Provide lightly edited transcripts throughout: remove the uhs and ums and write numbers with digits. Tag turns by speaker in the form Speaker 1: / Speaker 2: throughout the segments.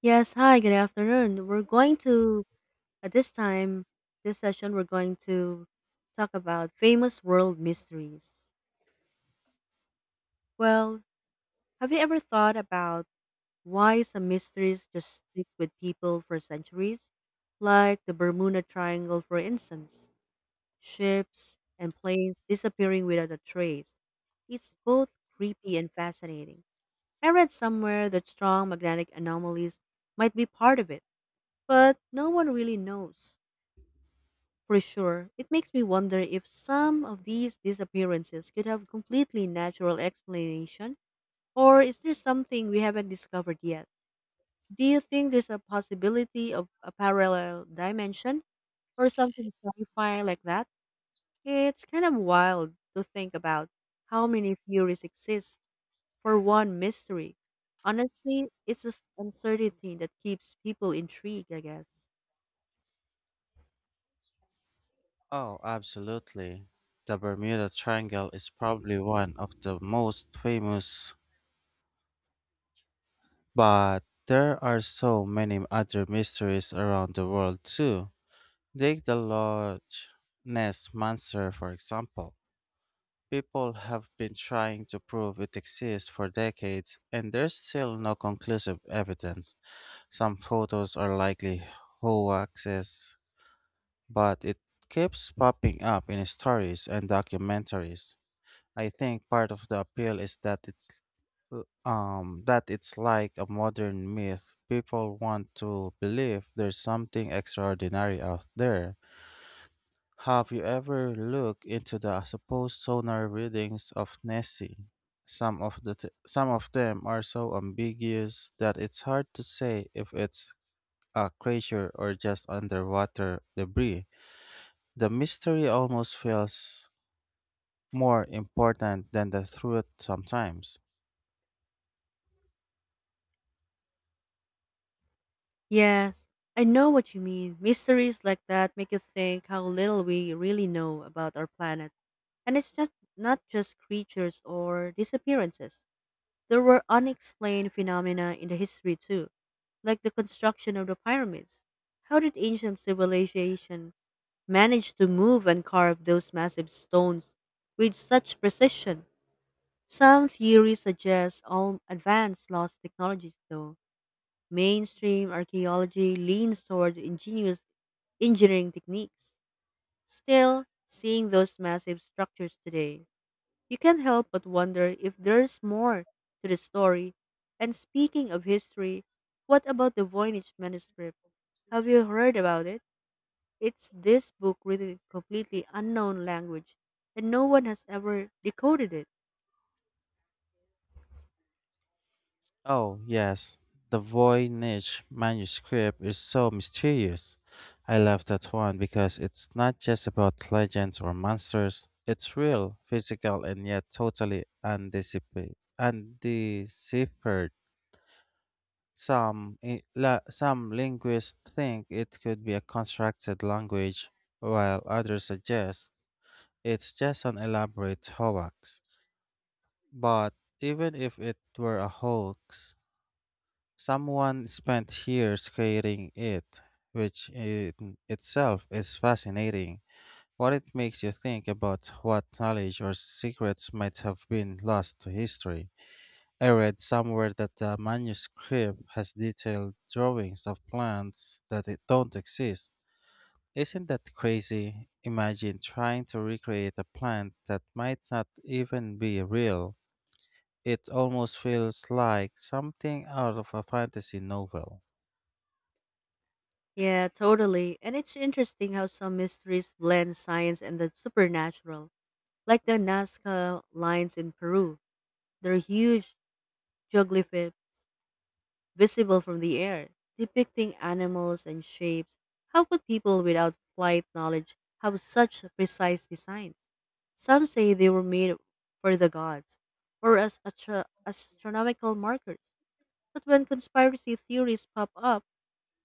Speaker 1: Yes, hi, good afternoon. At this time, this session, we're going to talk about famous world mysteries. Well, have you ever thought about why some mysteries just stick with people for centuries? Like the Bermuda Triangle, for instance, ships and planes disappearing without a trace. It's both creepy and fascinating. I read somewhere that strong magnetic anomalies might be part of it, but no one really knows. For sure, it makes me wonder if some of these disappearances could have completely natural explanation, or is there something we haven't discovered yet? Do you think there's a possibility of a parallel dimension or something sci-fi like that? It's kind of wild to think about how many theories exist for one mystery. Honestly, it's just uncertainty that keeps people intrigued, I guess.
Speaker 2: Oh, absolutely. The Bermuda Triangle is probably one of the most famous, but there are so many other mysteries around the world too. Take the Loch Ness Monster, for example. People have been trying to prove it exists for decades, and there's still no conclusive evidence. Some photos are likely hoaxes, but it keeps popping up in stories and documentaries. I think part of the appeal is that it's that it's like a modern myth. People want to believe there's something extraordinary out there. Have you ever looked into the supposed sonar readings of Nessie? Some of them are so ambiguous that it's hard to say if it's a crater or just underwater debris. The mystery almost feels more important than the truth sometimes.
Speaker 1: Yes, I know what you mean. Mysteries like that make you think how little we really know about our planet. And it's just not just creatures or disappearances. There were unexplained phenomena in the history too, like the construction of the pyramids. How did ancient civilization manage to move and carve those massive stones with such precision? Some theories suggest all advanced lost technologies though. Mainstream archaeology leans toward ingenious engineering techniques. Still, seeing those massive structures today, you can't help but wonder if there's more to the story. And speaking of history, what about the Voynich manuscript? Have you heard about it? It's this book written in completely unknown language, and no one has ever decoded it.
Speaker 2: Oh, yes. The Voynich manuscript is so mysterious. I love that one because it's not just about legends or monsters. It's real, physical, and yet totally undeciphered. Some linguists think it could be a constructed language, while others suggest it's just an elaborate hoax. But even if it were a hoax, someone spent years creating it, which in itself is fascinating. What it makes you think about what knowledge or secrets might have been lost to history. I read somewhere that the manuscript has detailed drawings of plants that it don't exist. Isn't that crazy? Imagine trying to recreate a plant that might not even be real. It almost feels like something out of a fantasy novel.
Speaker 1: Yeah, totally. And it's interesting how some mysteries blend science and the supernatural. Like the Nazca lines in Peru, they're huge geoglyphs visible from the air, depicting animals and shapes. How could people without flight knowledge have such precise designs? Some say they were made for the gods or as astronomical markers. But when conspiracy theories pop up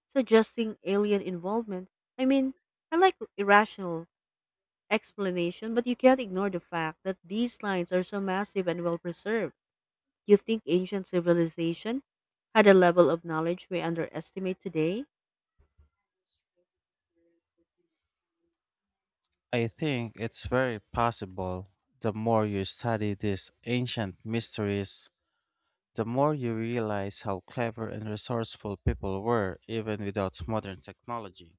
Speaker 1: suggesting alien involvement, I mean, I like irrational explanation, but you can't ignore the fact that these lines are so massive and well preserved. You think ancient civilization had a level of knowledge we underestimate today?
Speaker 2: I think it's very possible. The more you study these ancient mysteries, the more you realize how clever and resourceful people were even without modern technology.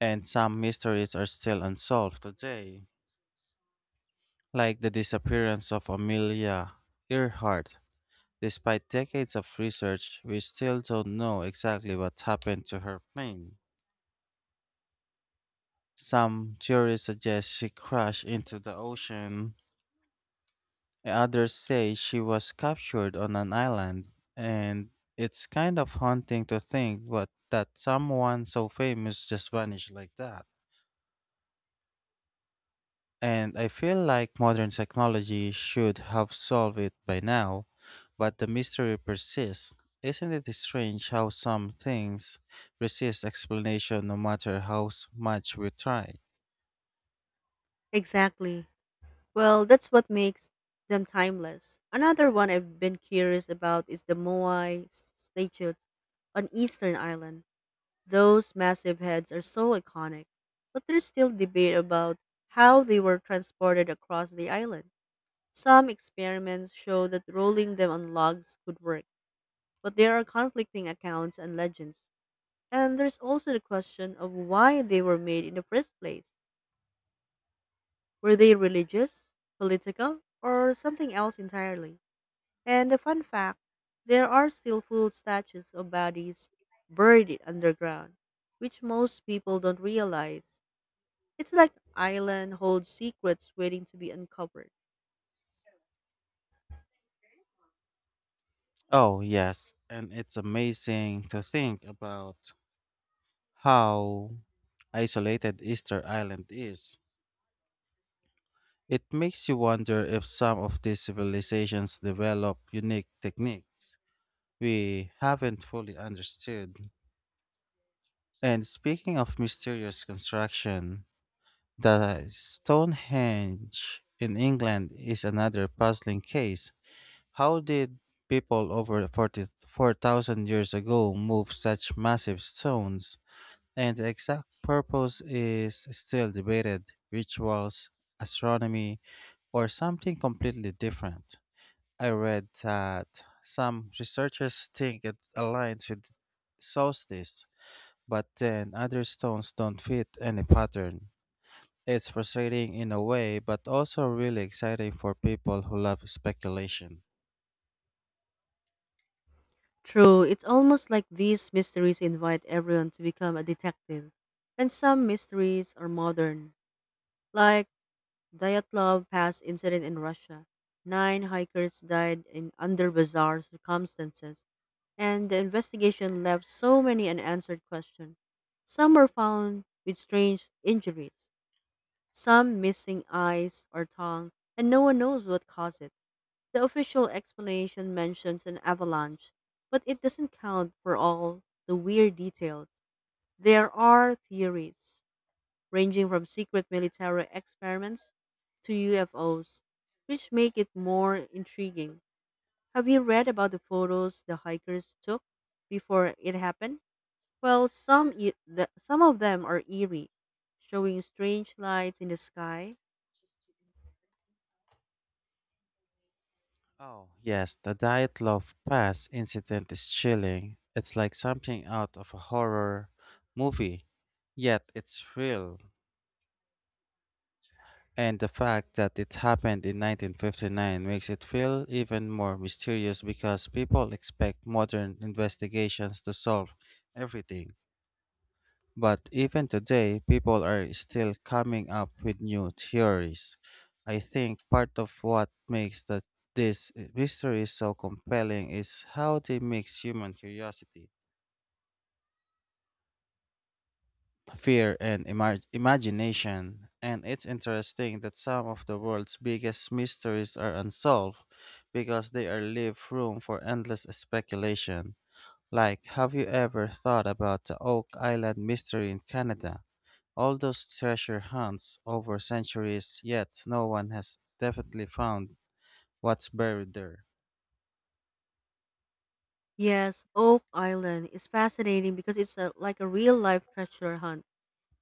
Speaker 2: And some mysteries are still unsolved today, like the disappearance of Amelia Earhart. Despite decades of research, we still don't know exactly what happened to her plane. Some theories suggest she crashed into the ocean. Others say she was captured on an island, and it's kind of haunting to think what that someone so famous just vanished like that. And I feel like modern technology should have solved it by now, but the mystery persists. Isn't it strange how some things resist explanation no matter how much we try?
Speaker 1: Exactly. Well, that's what makes them timeless. Another one I've been curious about is the Moai statues on Eastern Island. Those massive heads are so iconic, but there's still debate about how they were transported across the island. Some experiments show that rolling them on logs could work, but there are conflicting accounts and legends. And there's also the question of why they were made in the first place. Were they religious, political, or something else entirely? And the fun fact there are still full statues of bodies buried underground, which most people don't realize. It's like island holds secrets waiting to be uncovered.
Speaker 2: Oh, yes, and it's amazing to think about how isolated Easter Island is. It makes you wonder if some of these civilizations develop unique techniques we haven't fully understood. And speaking of mysterious construction, the Stonehenge in England is another puzzling case. How did people over 40 4,000 years ago move such massive stones? And the exact purpose is still debated: rituals, astronomy, or something completely different. I read that some researchers think it aligns with solstice, but then other stones don't fit any pattern. It's frustrating in a way, but also really exciting for people who love speculation.
Speaker 1: True, it's almost like these mysteries invite everyone to become a detective. And some mysteries are modern, like Dyatlov Pass incident in Russia. Nine hikers died in under bizarre circumstances, and the investigation left so many unanswered questions. Some were found with strange injuries, some missing eyes or tongue, and no one knows what caused it. The official explanation mentions an avalanche, but it doesn't count for all the weird details. There are theories, ranging from secret military experiments to UFOs, which make it more intriguing. Have you read about the photos the hikers took before it happened? Well, some of them are eerie, showing strange lights in the sky.
Speaker 2: Oh, yes, the Diet Pass incident is chilling. It's like something out of a horror movie, yet it's real. And the fact that it happened in 1959 makes it feel even more mysterious because people expect modern investigations to solve everything. But even today, people are still coming up with new theories. I think part of what makes this mystery so compelling is how they mix human curiosity, fear, and imagination. And it's interesting that some of the world's biggest mysteries are unsolved because they are leave room for endless speculation. Like, have you ever thought about the Oak Island mystery in Canada? All those treasure hunts over centuries, yet no one has definitely found what's buried there.
Speaker 1: Yes, Oak Island is fascinating because it's like a real life treasure hunt.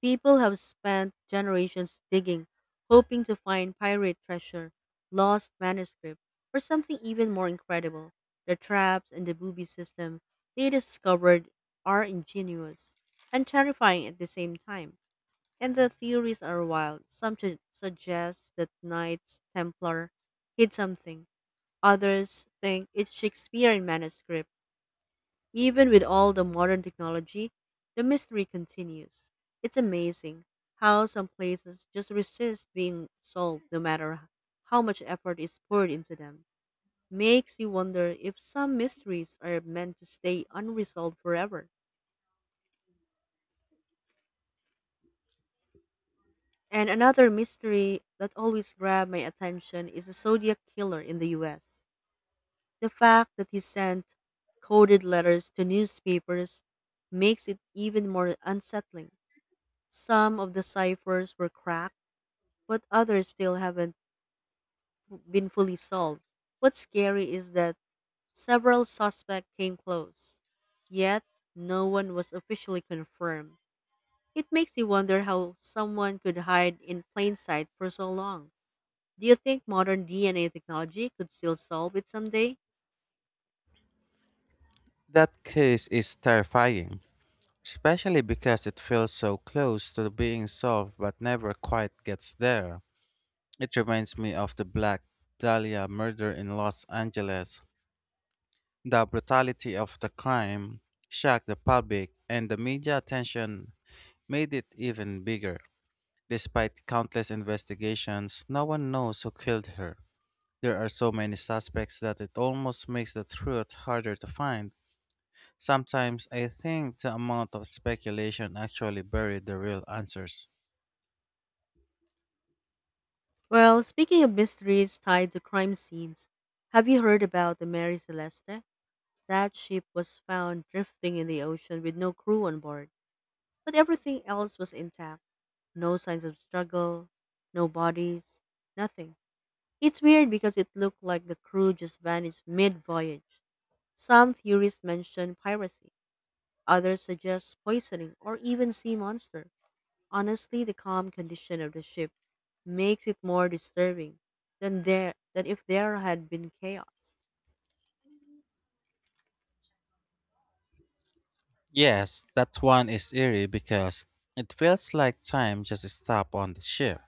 Speaker 1: People have spent generations digging, hoping to find pirate treasure, lost manuscript, or something even more incredible. The traps and the booby system they discovered are ingenious and terrifying at the same time. And the theories are wild. Some suggest that Knights Templar hid something. Others think it's Shakespearean manuscript even with all the modern technology, the mystery continues. It's amazing how some places just resist being solved no matter how much effort is poured into them. Makes you wonder if some mysteries are meant to stay unresolved forever. And another mystery that always grabbed my attention is the Zodiac Killer in the US. The fact that he sent coded letters to newspapers makes it even more unsettling. Some of the ciphers were cracked, but others still haven't been fully solved. What's scary is that several suspects came close, yet no one was officially confirmed. It makes you wonder how someone could hide in plain sight for so long. Do you think modern DNA technology could still solve it someday?
Speaker 2: That case is terrifying, especially because it feels so close to being solved but never quite gets there. It reminds me of the Black Dahlia murder in Los Angeles. The brutality of the crime shocked the public, and the media attention made it even bigger. Despite countless investigations, no one knows who killed her. There are so many suspects that it almost makes the truth harder to find. Sometimes I think the amount of speculation actually buried the real answers.
Speaker 1: Well, speaking of mysteries tied to crime scenes, have you heard about the Mary Celeste? That ship was found drifting in the ocean with no crew on board. But everything else was intact. No signs of struggle, no bodies, nothing. It's weird because it looked like the crew just vanished mid voyage. Some theorists mention piracy, others suggest poisoning or even sea monster. Honestly, the calm condition of the ship makes it more disturbing than there than if there had been chaos.
Speaker 2: Yes, that one is eerie because it feels like time just stopped on the ship.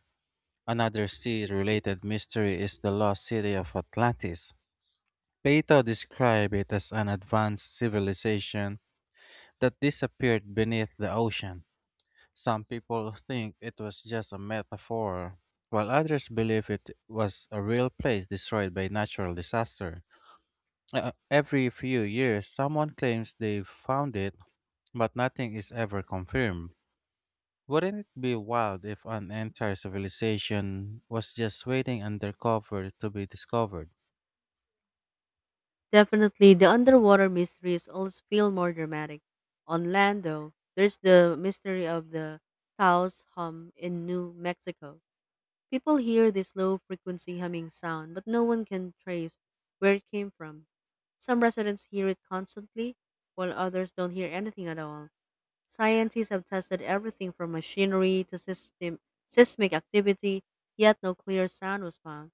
Speaker 2: Another sea related mystery is the lost city of Atlantis. Plato described it as an advanced civilization that disappeared beneath the ocean. Some people think it was just a metaphor, while others believe it was a real place destroyed by natural disaster. Every few years, someone claims they've found it, but nothing is ever confirmed. Wouldn't it be wild if an entire civilization was just waiting undercover to be discovered?
Speaker 1: Definitely, the underwater mysteries always feel more dramatic. On land, though, there's the mystery of the Taos hum in New Mexico. People hear this low frequency humming sound, but no one can trace where it came from. Some residents hear it constantly, while others don't hear anything at all. Scientists have tested everything from machinery to system, seismic activity, yet no clear sound was found.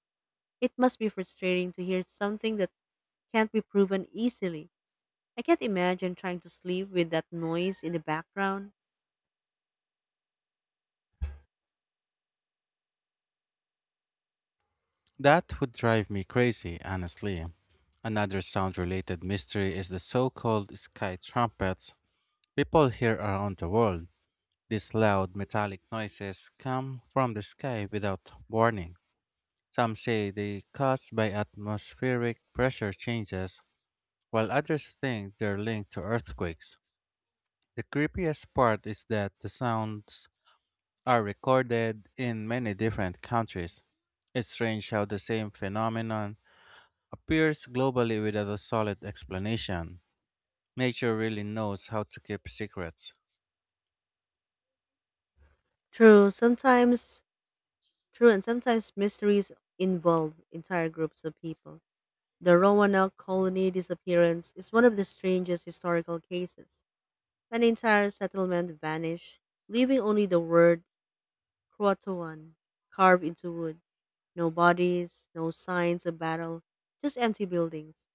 Speaker 1: It must be frustrating to hear something that can't be proven easily. I can't imagine trying to sleep with that noise in the background.
Speaker 2: That would drive me crazy, honestly. Another sound related mystery is the so called sky trumpets people hear around the world. These loud metallic noises come from the sky without warning. Some say they caused by atmospheric pressure changes, while others think they're linked to earthquakes. The creepiest part is that the sounds are recorded in many different countries. It's strange how the same phenomenon appears globally without a solid explanation. Nature really knows how to keep secrets.
Speaker 1: True, sometimes true and Sometimes mysteries involve entire groups of people. The Roanoke colony disappearance is one of the strangest historical cases. An entire settlement vanished, leaving only the word Croatoan carved into wood. No bodies, no signs of battle, just empty buildings.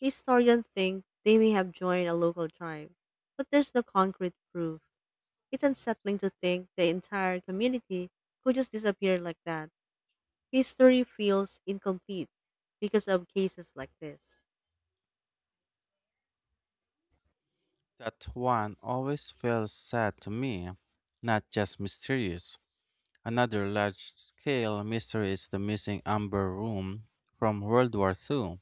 Speaker 1: Historians think they may have joined a local tribe, but there's no concrete proof. It's unsettling to think the entire community could just disappear like that. History feels incomplete because of cases like this.
Speaker 2: That one always feels sad to me, not just mysterious. Another large scale mystery is the missing amber room from World War II.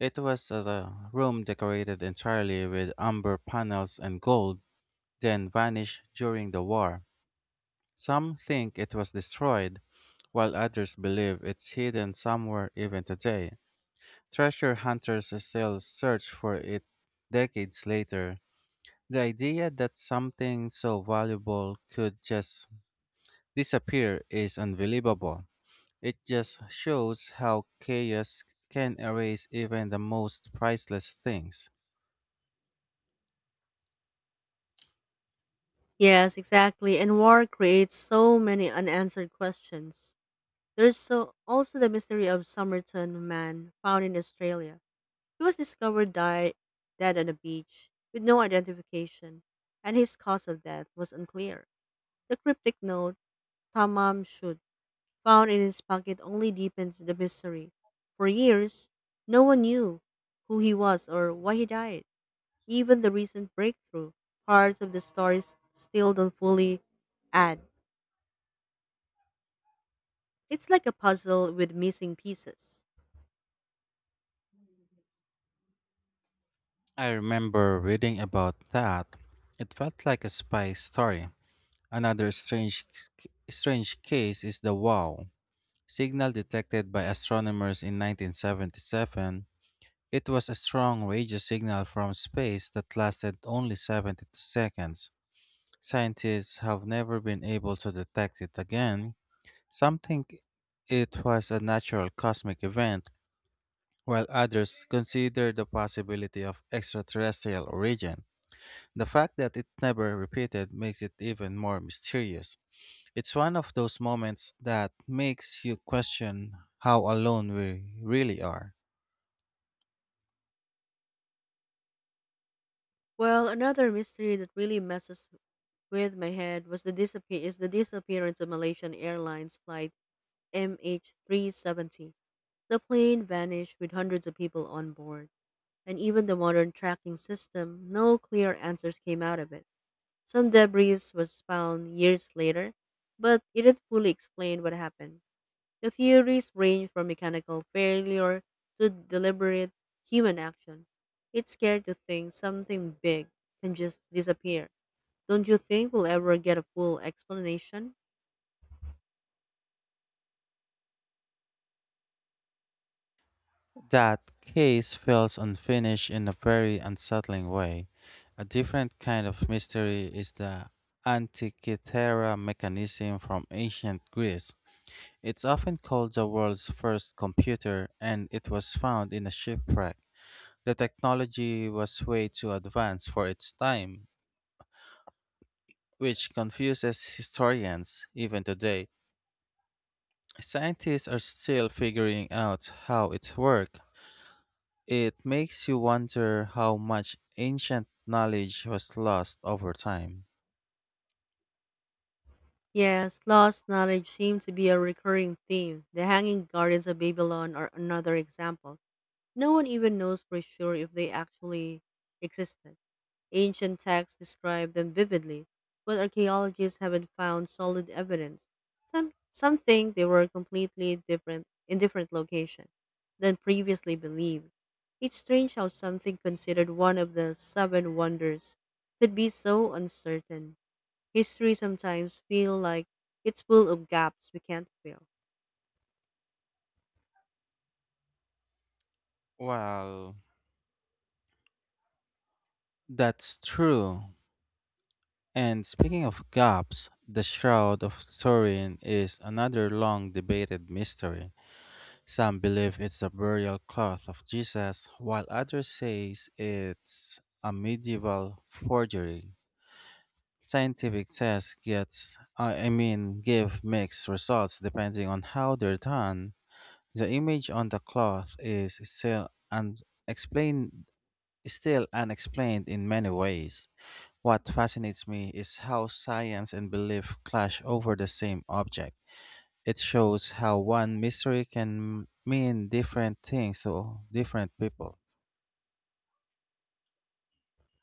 Speaker 2: It was a room decorated entirely with amber panels and gold, then vanished during the war. Some think it was destroyed, while others believe it's hidden somewhere even today. Treasure hunters still search for it decades later. The idea that something so valuable could just disappear is unbelievable. It just shows how chaos can erase even the most priceless things.
Speaker 1: Yes, exactly. And war creates so many unanswered questions. There's so also the mystery of Somerton man found in Australia. He was discovered dead on a beach with no identification, and his cause of death was unclear. The cryptic note, Tamam Shud found in his pocket only deepens the mystery. For years, no one knew who he was or why he died. Even the recent breakthrough, parts of the story still don't fully add. It's like a puzzle with missing pieces.
Speaker 2: I remember reading about that. It felt like a spy story. Another strange case is the WOW signal detected by astronomers in 1977. It was a strong radio signal from space that lasted only 72 seconds. Scientists have never been able to detect it again. Some think it was a natural cosmic event, while others consider the possibility of extraterrestrial origin. The fact that it never repeated makes it even more mysterious. It's one of those moments that makes you question how alone we really are.
Speaker 1: Well, another mystery that really messes with my head was the disappearance of Malaysian Airlines flight MH370. The plane vanished with hundreds of people on board and even the modern tracking system, no clear answers came out of it. Some debris was found years later, but it didn't fully explain what happened. The theories range from mechanical failure to deliberate human action. It's scary to think something big can just disappear. Don't you think we'll ever get a full explanation?
Speaker 2: That case feels unfinished in a very unsettling way. A different kind of mystery is the Antikythera mechanism from ancient Greece. It's often called the world's first computer, and it was found in a shipwreck. The technology was way too advanced for its time, which confuses historians even today. Scientists are still figuring out how it worked. It makes you wonder how much ancient knowledge was lost over time.
Speaker 1: Yes, lost knowledge seems to be a recurring theme. The Hanging Gardens of Babylon are another example. No one even knows for sure if they actually existed. Ancient texts describe them vividly, but archaeologists haven't found solid evidence. Some think they were completely different in different location than previously believed. It's strange how something considered one of the seven wonders could be so uncertain. History sometimes feels like it's full of gaps we can't fill.
Speaker 2: Well, that's true. And speaking of gaps, the Shroud of Turin is another long debated mystery. Some believe it's the burial cloth of Jesus, while others say it's a medieval forgery. Scientific tests get, I mean, give mixed results depending on how they're done. The image on the cloth is still unexplained in many ways. What fascinates me is how science and belief clash over the same object. It shows how one mystery can mean different things to different people.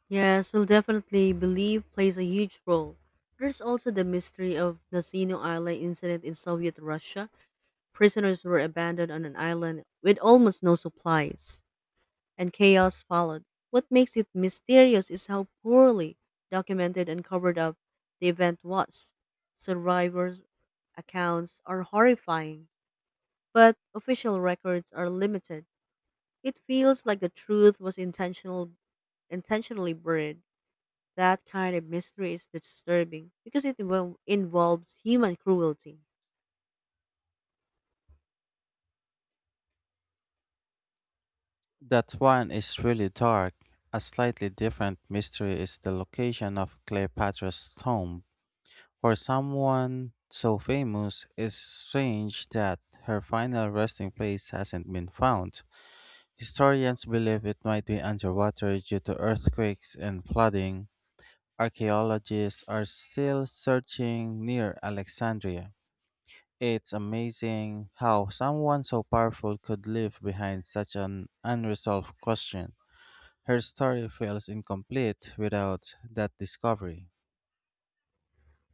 Speaker 1: Yes, we'll definitely believe plays a huge role. There's also the mystery of Nazino Island incident in Soviet Russia. Prisoners were abandoned on an island with almost no supplies, and chaos followed. What makes it mysterious is how poorly documented and covered up the event was. Survivors' accounts are horrifying, but official records are limited. It feels like the truth was intentionally buried. That kind of mystery is disturbing because it involves human cruelty.
Speaker 2: That one is really dark. A slightly different mystery is the location of Cleopatra's tomb. For someone so famous, it's strange that her final resting place hasn't been found. Historians believe it might be underwater due to earthquakes and flooding. Archaeologists are still searching near Alexandria. It's amazing how someone so powerful could leave behind such an unresolved question. Her story feels incomplete without that discovery.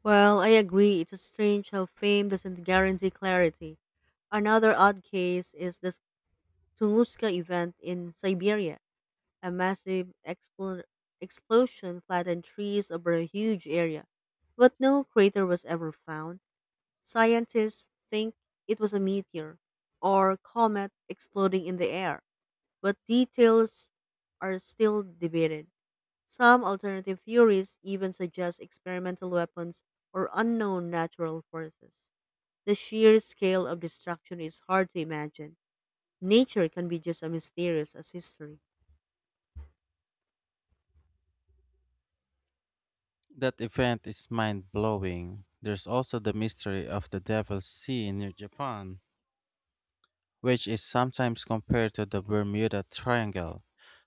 Speaker 1: Well, I agree. It's strange how fame doesn't guarantee clarity. Another odd case is the Tunguska event in Siberia. A massive explosion flattened trees over a huge area, but no crater was ever found. Scientists think it was a meteor or comet exploding in the air, but details are still debated. Some alternative theories even suggest experimental weapons or unknown natural forces. The sheer scale of destruction is hard to imagine. Nature can be just as mysterious as history.
Speaker 2: That event is mind blowing. There's also the mystery of the Devil's Sea near Japan, which is sometimes compared to the Bermuda Triangle.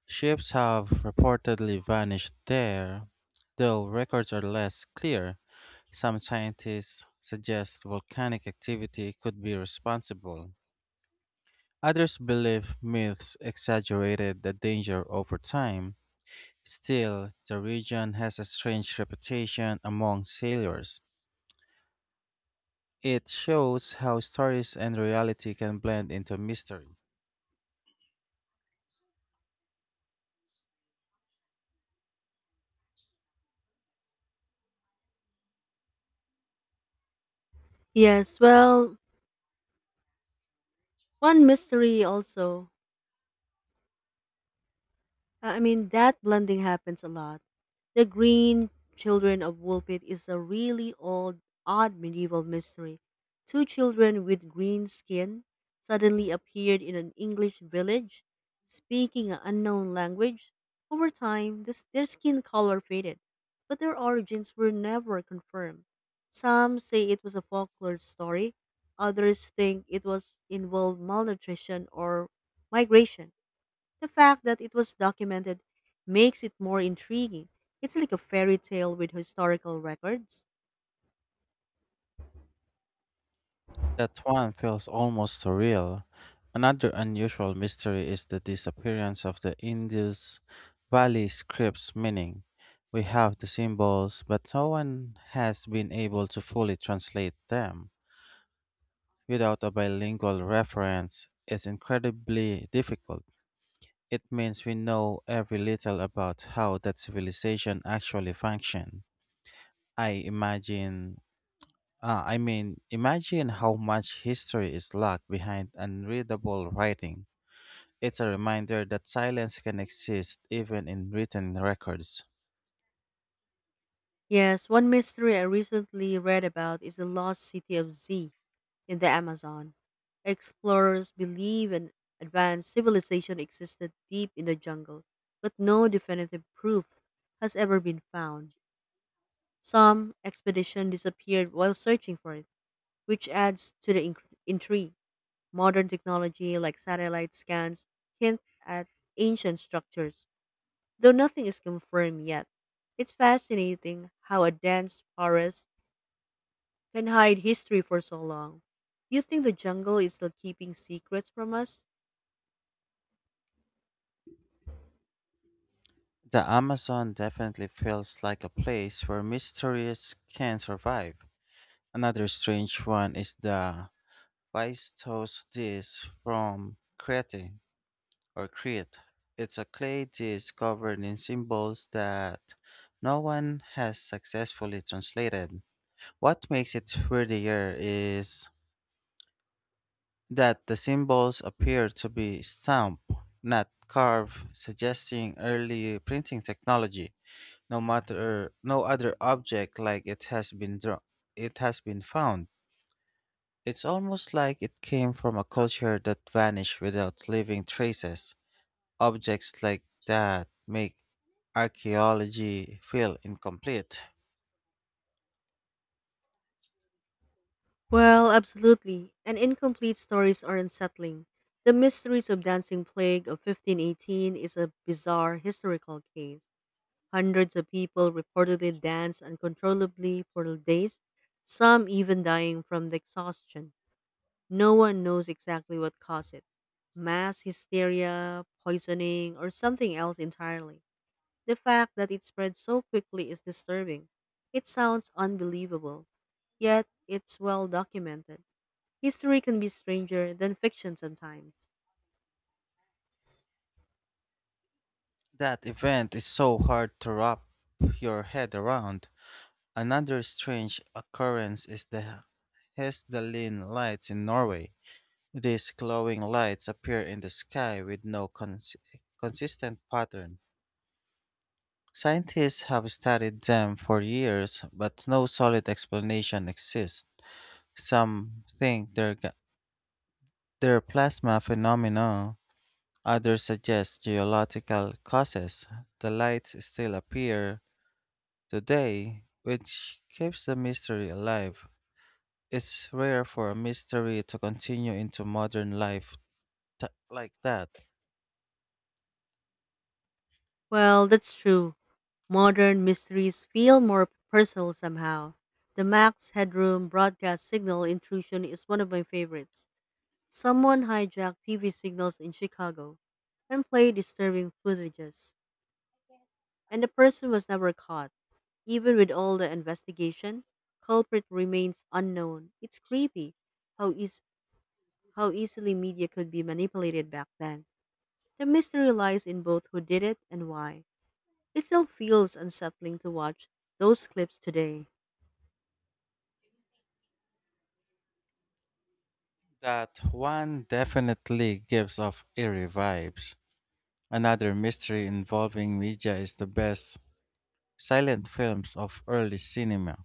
Speaker 2: Ships have reportedly vanished there, though records are less clear. Some scientists suggest volcanic activity could be responsible. Others believe myths exaggerated the danger over time. Still, the region has a strange reputation among sailors. It shows how stories and reality can blend into mystery.
Speaker 1: Yes, well, one mystery also I mean, that blending happens a lot. The Green Children of Woolpit is a really old, odd medieval mystery. Two children with green skin suddenly appeared in an English village, speaking an unknown language. Over time, their skin color faded, but their origins were never confirmed. Some say it was a folklore story, others think it was involved malnutrition or migration. The fact that it was documented makes it more intriguing. It's like a fairy tale with historical records.
Speaker 2: That one feels almost surreal. Another unusual mystery is the disappearance of the Indus Valley script's meaning. We have the symbols, but no one has been able to fully translate them. Without a bilingual reference, it's incredibly difficult. It means we know every little about how that civilization actually functioned. I imagine, ah, I mean, Imagine how much history is locked behind unreadable writing. It's a reminder that silence can exist even in written records.
Speaker 1: Yes, one mystery I recently read about is the lost city of Z in the Amazon. Explorers believe an advanced civilization existed deep in the jungle, but no definitive proof has ever been found. Some expedition disappeared while searching for it, which adds to the intrigue. Modern technology like satellite scans hint at ancient structures, though nothing is confirmed yet. It's fascinating how a dense forest can hide history for so long. Do you think the jungle is still keeping secrets from us?
Speaker 2: The Amazon definitely feels like a place where mysteries can survive. Another strange one is the Vaistos dish from Crete. It's a clay dish covered in symbols that no one has successfully translated. What makes it worthier is that the symbols appear to be stamped, not carved, suggesting early printing technology. No other object like it has been it has been found. It's almost like it came from a culture that vanished without leaving traces. Objects like that make archaeology feel incomplete.
Speaker 1: Well, absolutely. And incomplete stories are unsettling. The Mysteries of Dancing Plague of 1518 is a bizarre historical case. Hundreds of people reportedly danced uncontrollably for days, some even dying from the exhaustion. No one knows exactly what caused it mass hysteria, poisoning, or something else entirely. The fact that it spread so quickly is disturbing. It sounds unbelievable, yet it's well documented. History can be stranger than fiction sometimes.
Speaker 2: That event is so hard to wrap your head around. Another strange occurrence is the Hesdalin lights in Norway. These glowing lights appear in the sky with no consistent pattern. Scientists have studied them for years, but no solid explanation exists. Some think they're plasma phenomena. Others suggest geological causes. The lights still appear today, which keeps the mystery alive. It's rare for a mystery to continue into modern life like that.
Speaker 1: Well, that's true. Modern mysteries feel more personal somehow. The Max Headroom broadcast signal intrusion is one of my favorites. Someone hijacked TV signals in Chicago and played disturbing footages, and the person was never caught. Even with all the investigation, culprit remains unknown. It's creepy how eas- how easily media could be manipulated back then. The mystery lies in both who did it and why. It still feels unsettling to watch those clips today.
Speaker 2: That one definitely gives off eerie vibes. Another mystery involving media is the best silent films of early cinema.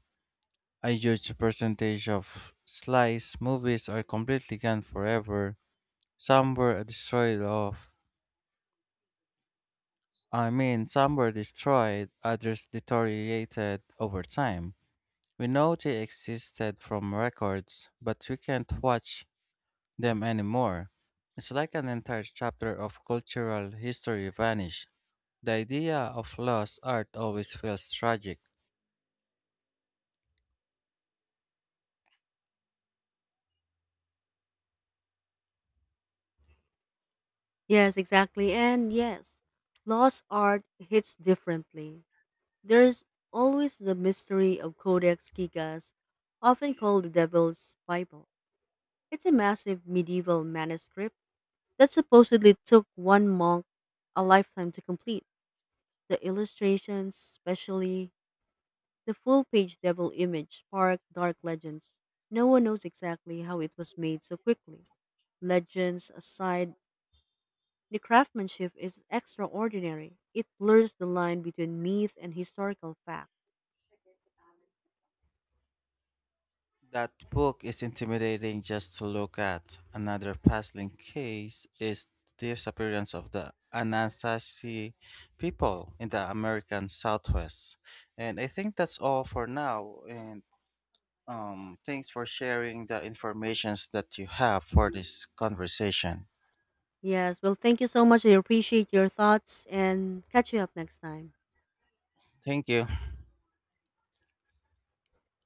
Speaker 2: A huge percentage of slice movies are completely gone forever. Some were destroyed off. Some were destroyed, others deteriorated over time. We know they existed from records, but we can't watch them anymore. It's like an entire chapter of cultural history vanished. The idea of lost art always feels tragic.
Speaker 1: Yes, exactly. And yes, lost art hits differently. There's always the mystery of Codex Gigas, often called the Devil's Bible. It's a massive medieval manuscript that supposedly took one monk a lifetime to complete. The illustrations, especially the full page devil image, spark dark legends. No one knows exactly how it was made so quickly. Legends aside, the craftsmanship is extraordinary. It blurs the line between myth and historical fact.
Speaker 2: That book is intimidating just to look at. Another puzzling case is the disappearance of the Anasazi people in the American Southwest. And I think that's all for now. And thanks for sharing the informations that you have for this conversation.
Speaker 1: Yes, well, thank you so much. I appreciate your thoughts and catch you up next time.
Speaker 2: Thank you.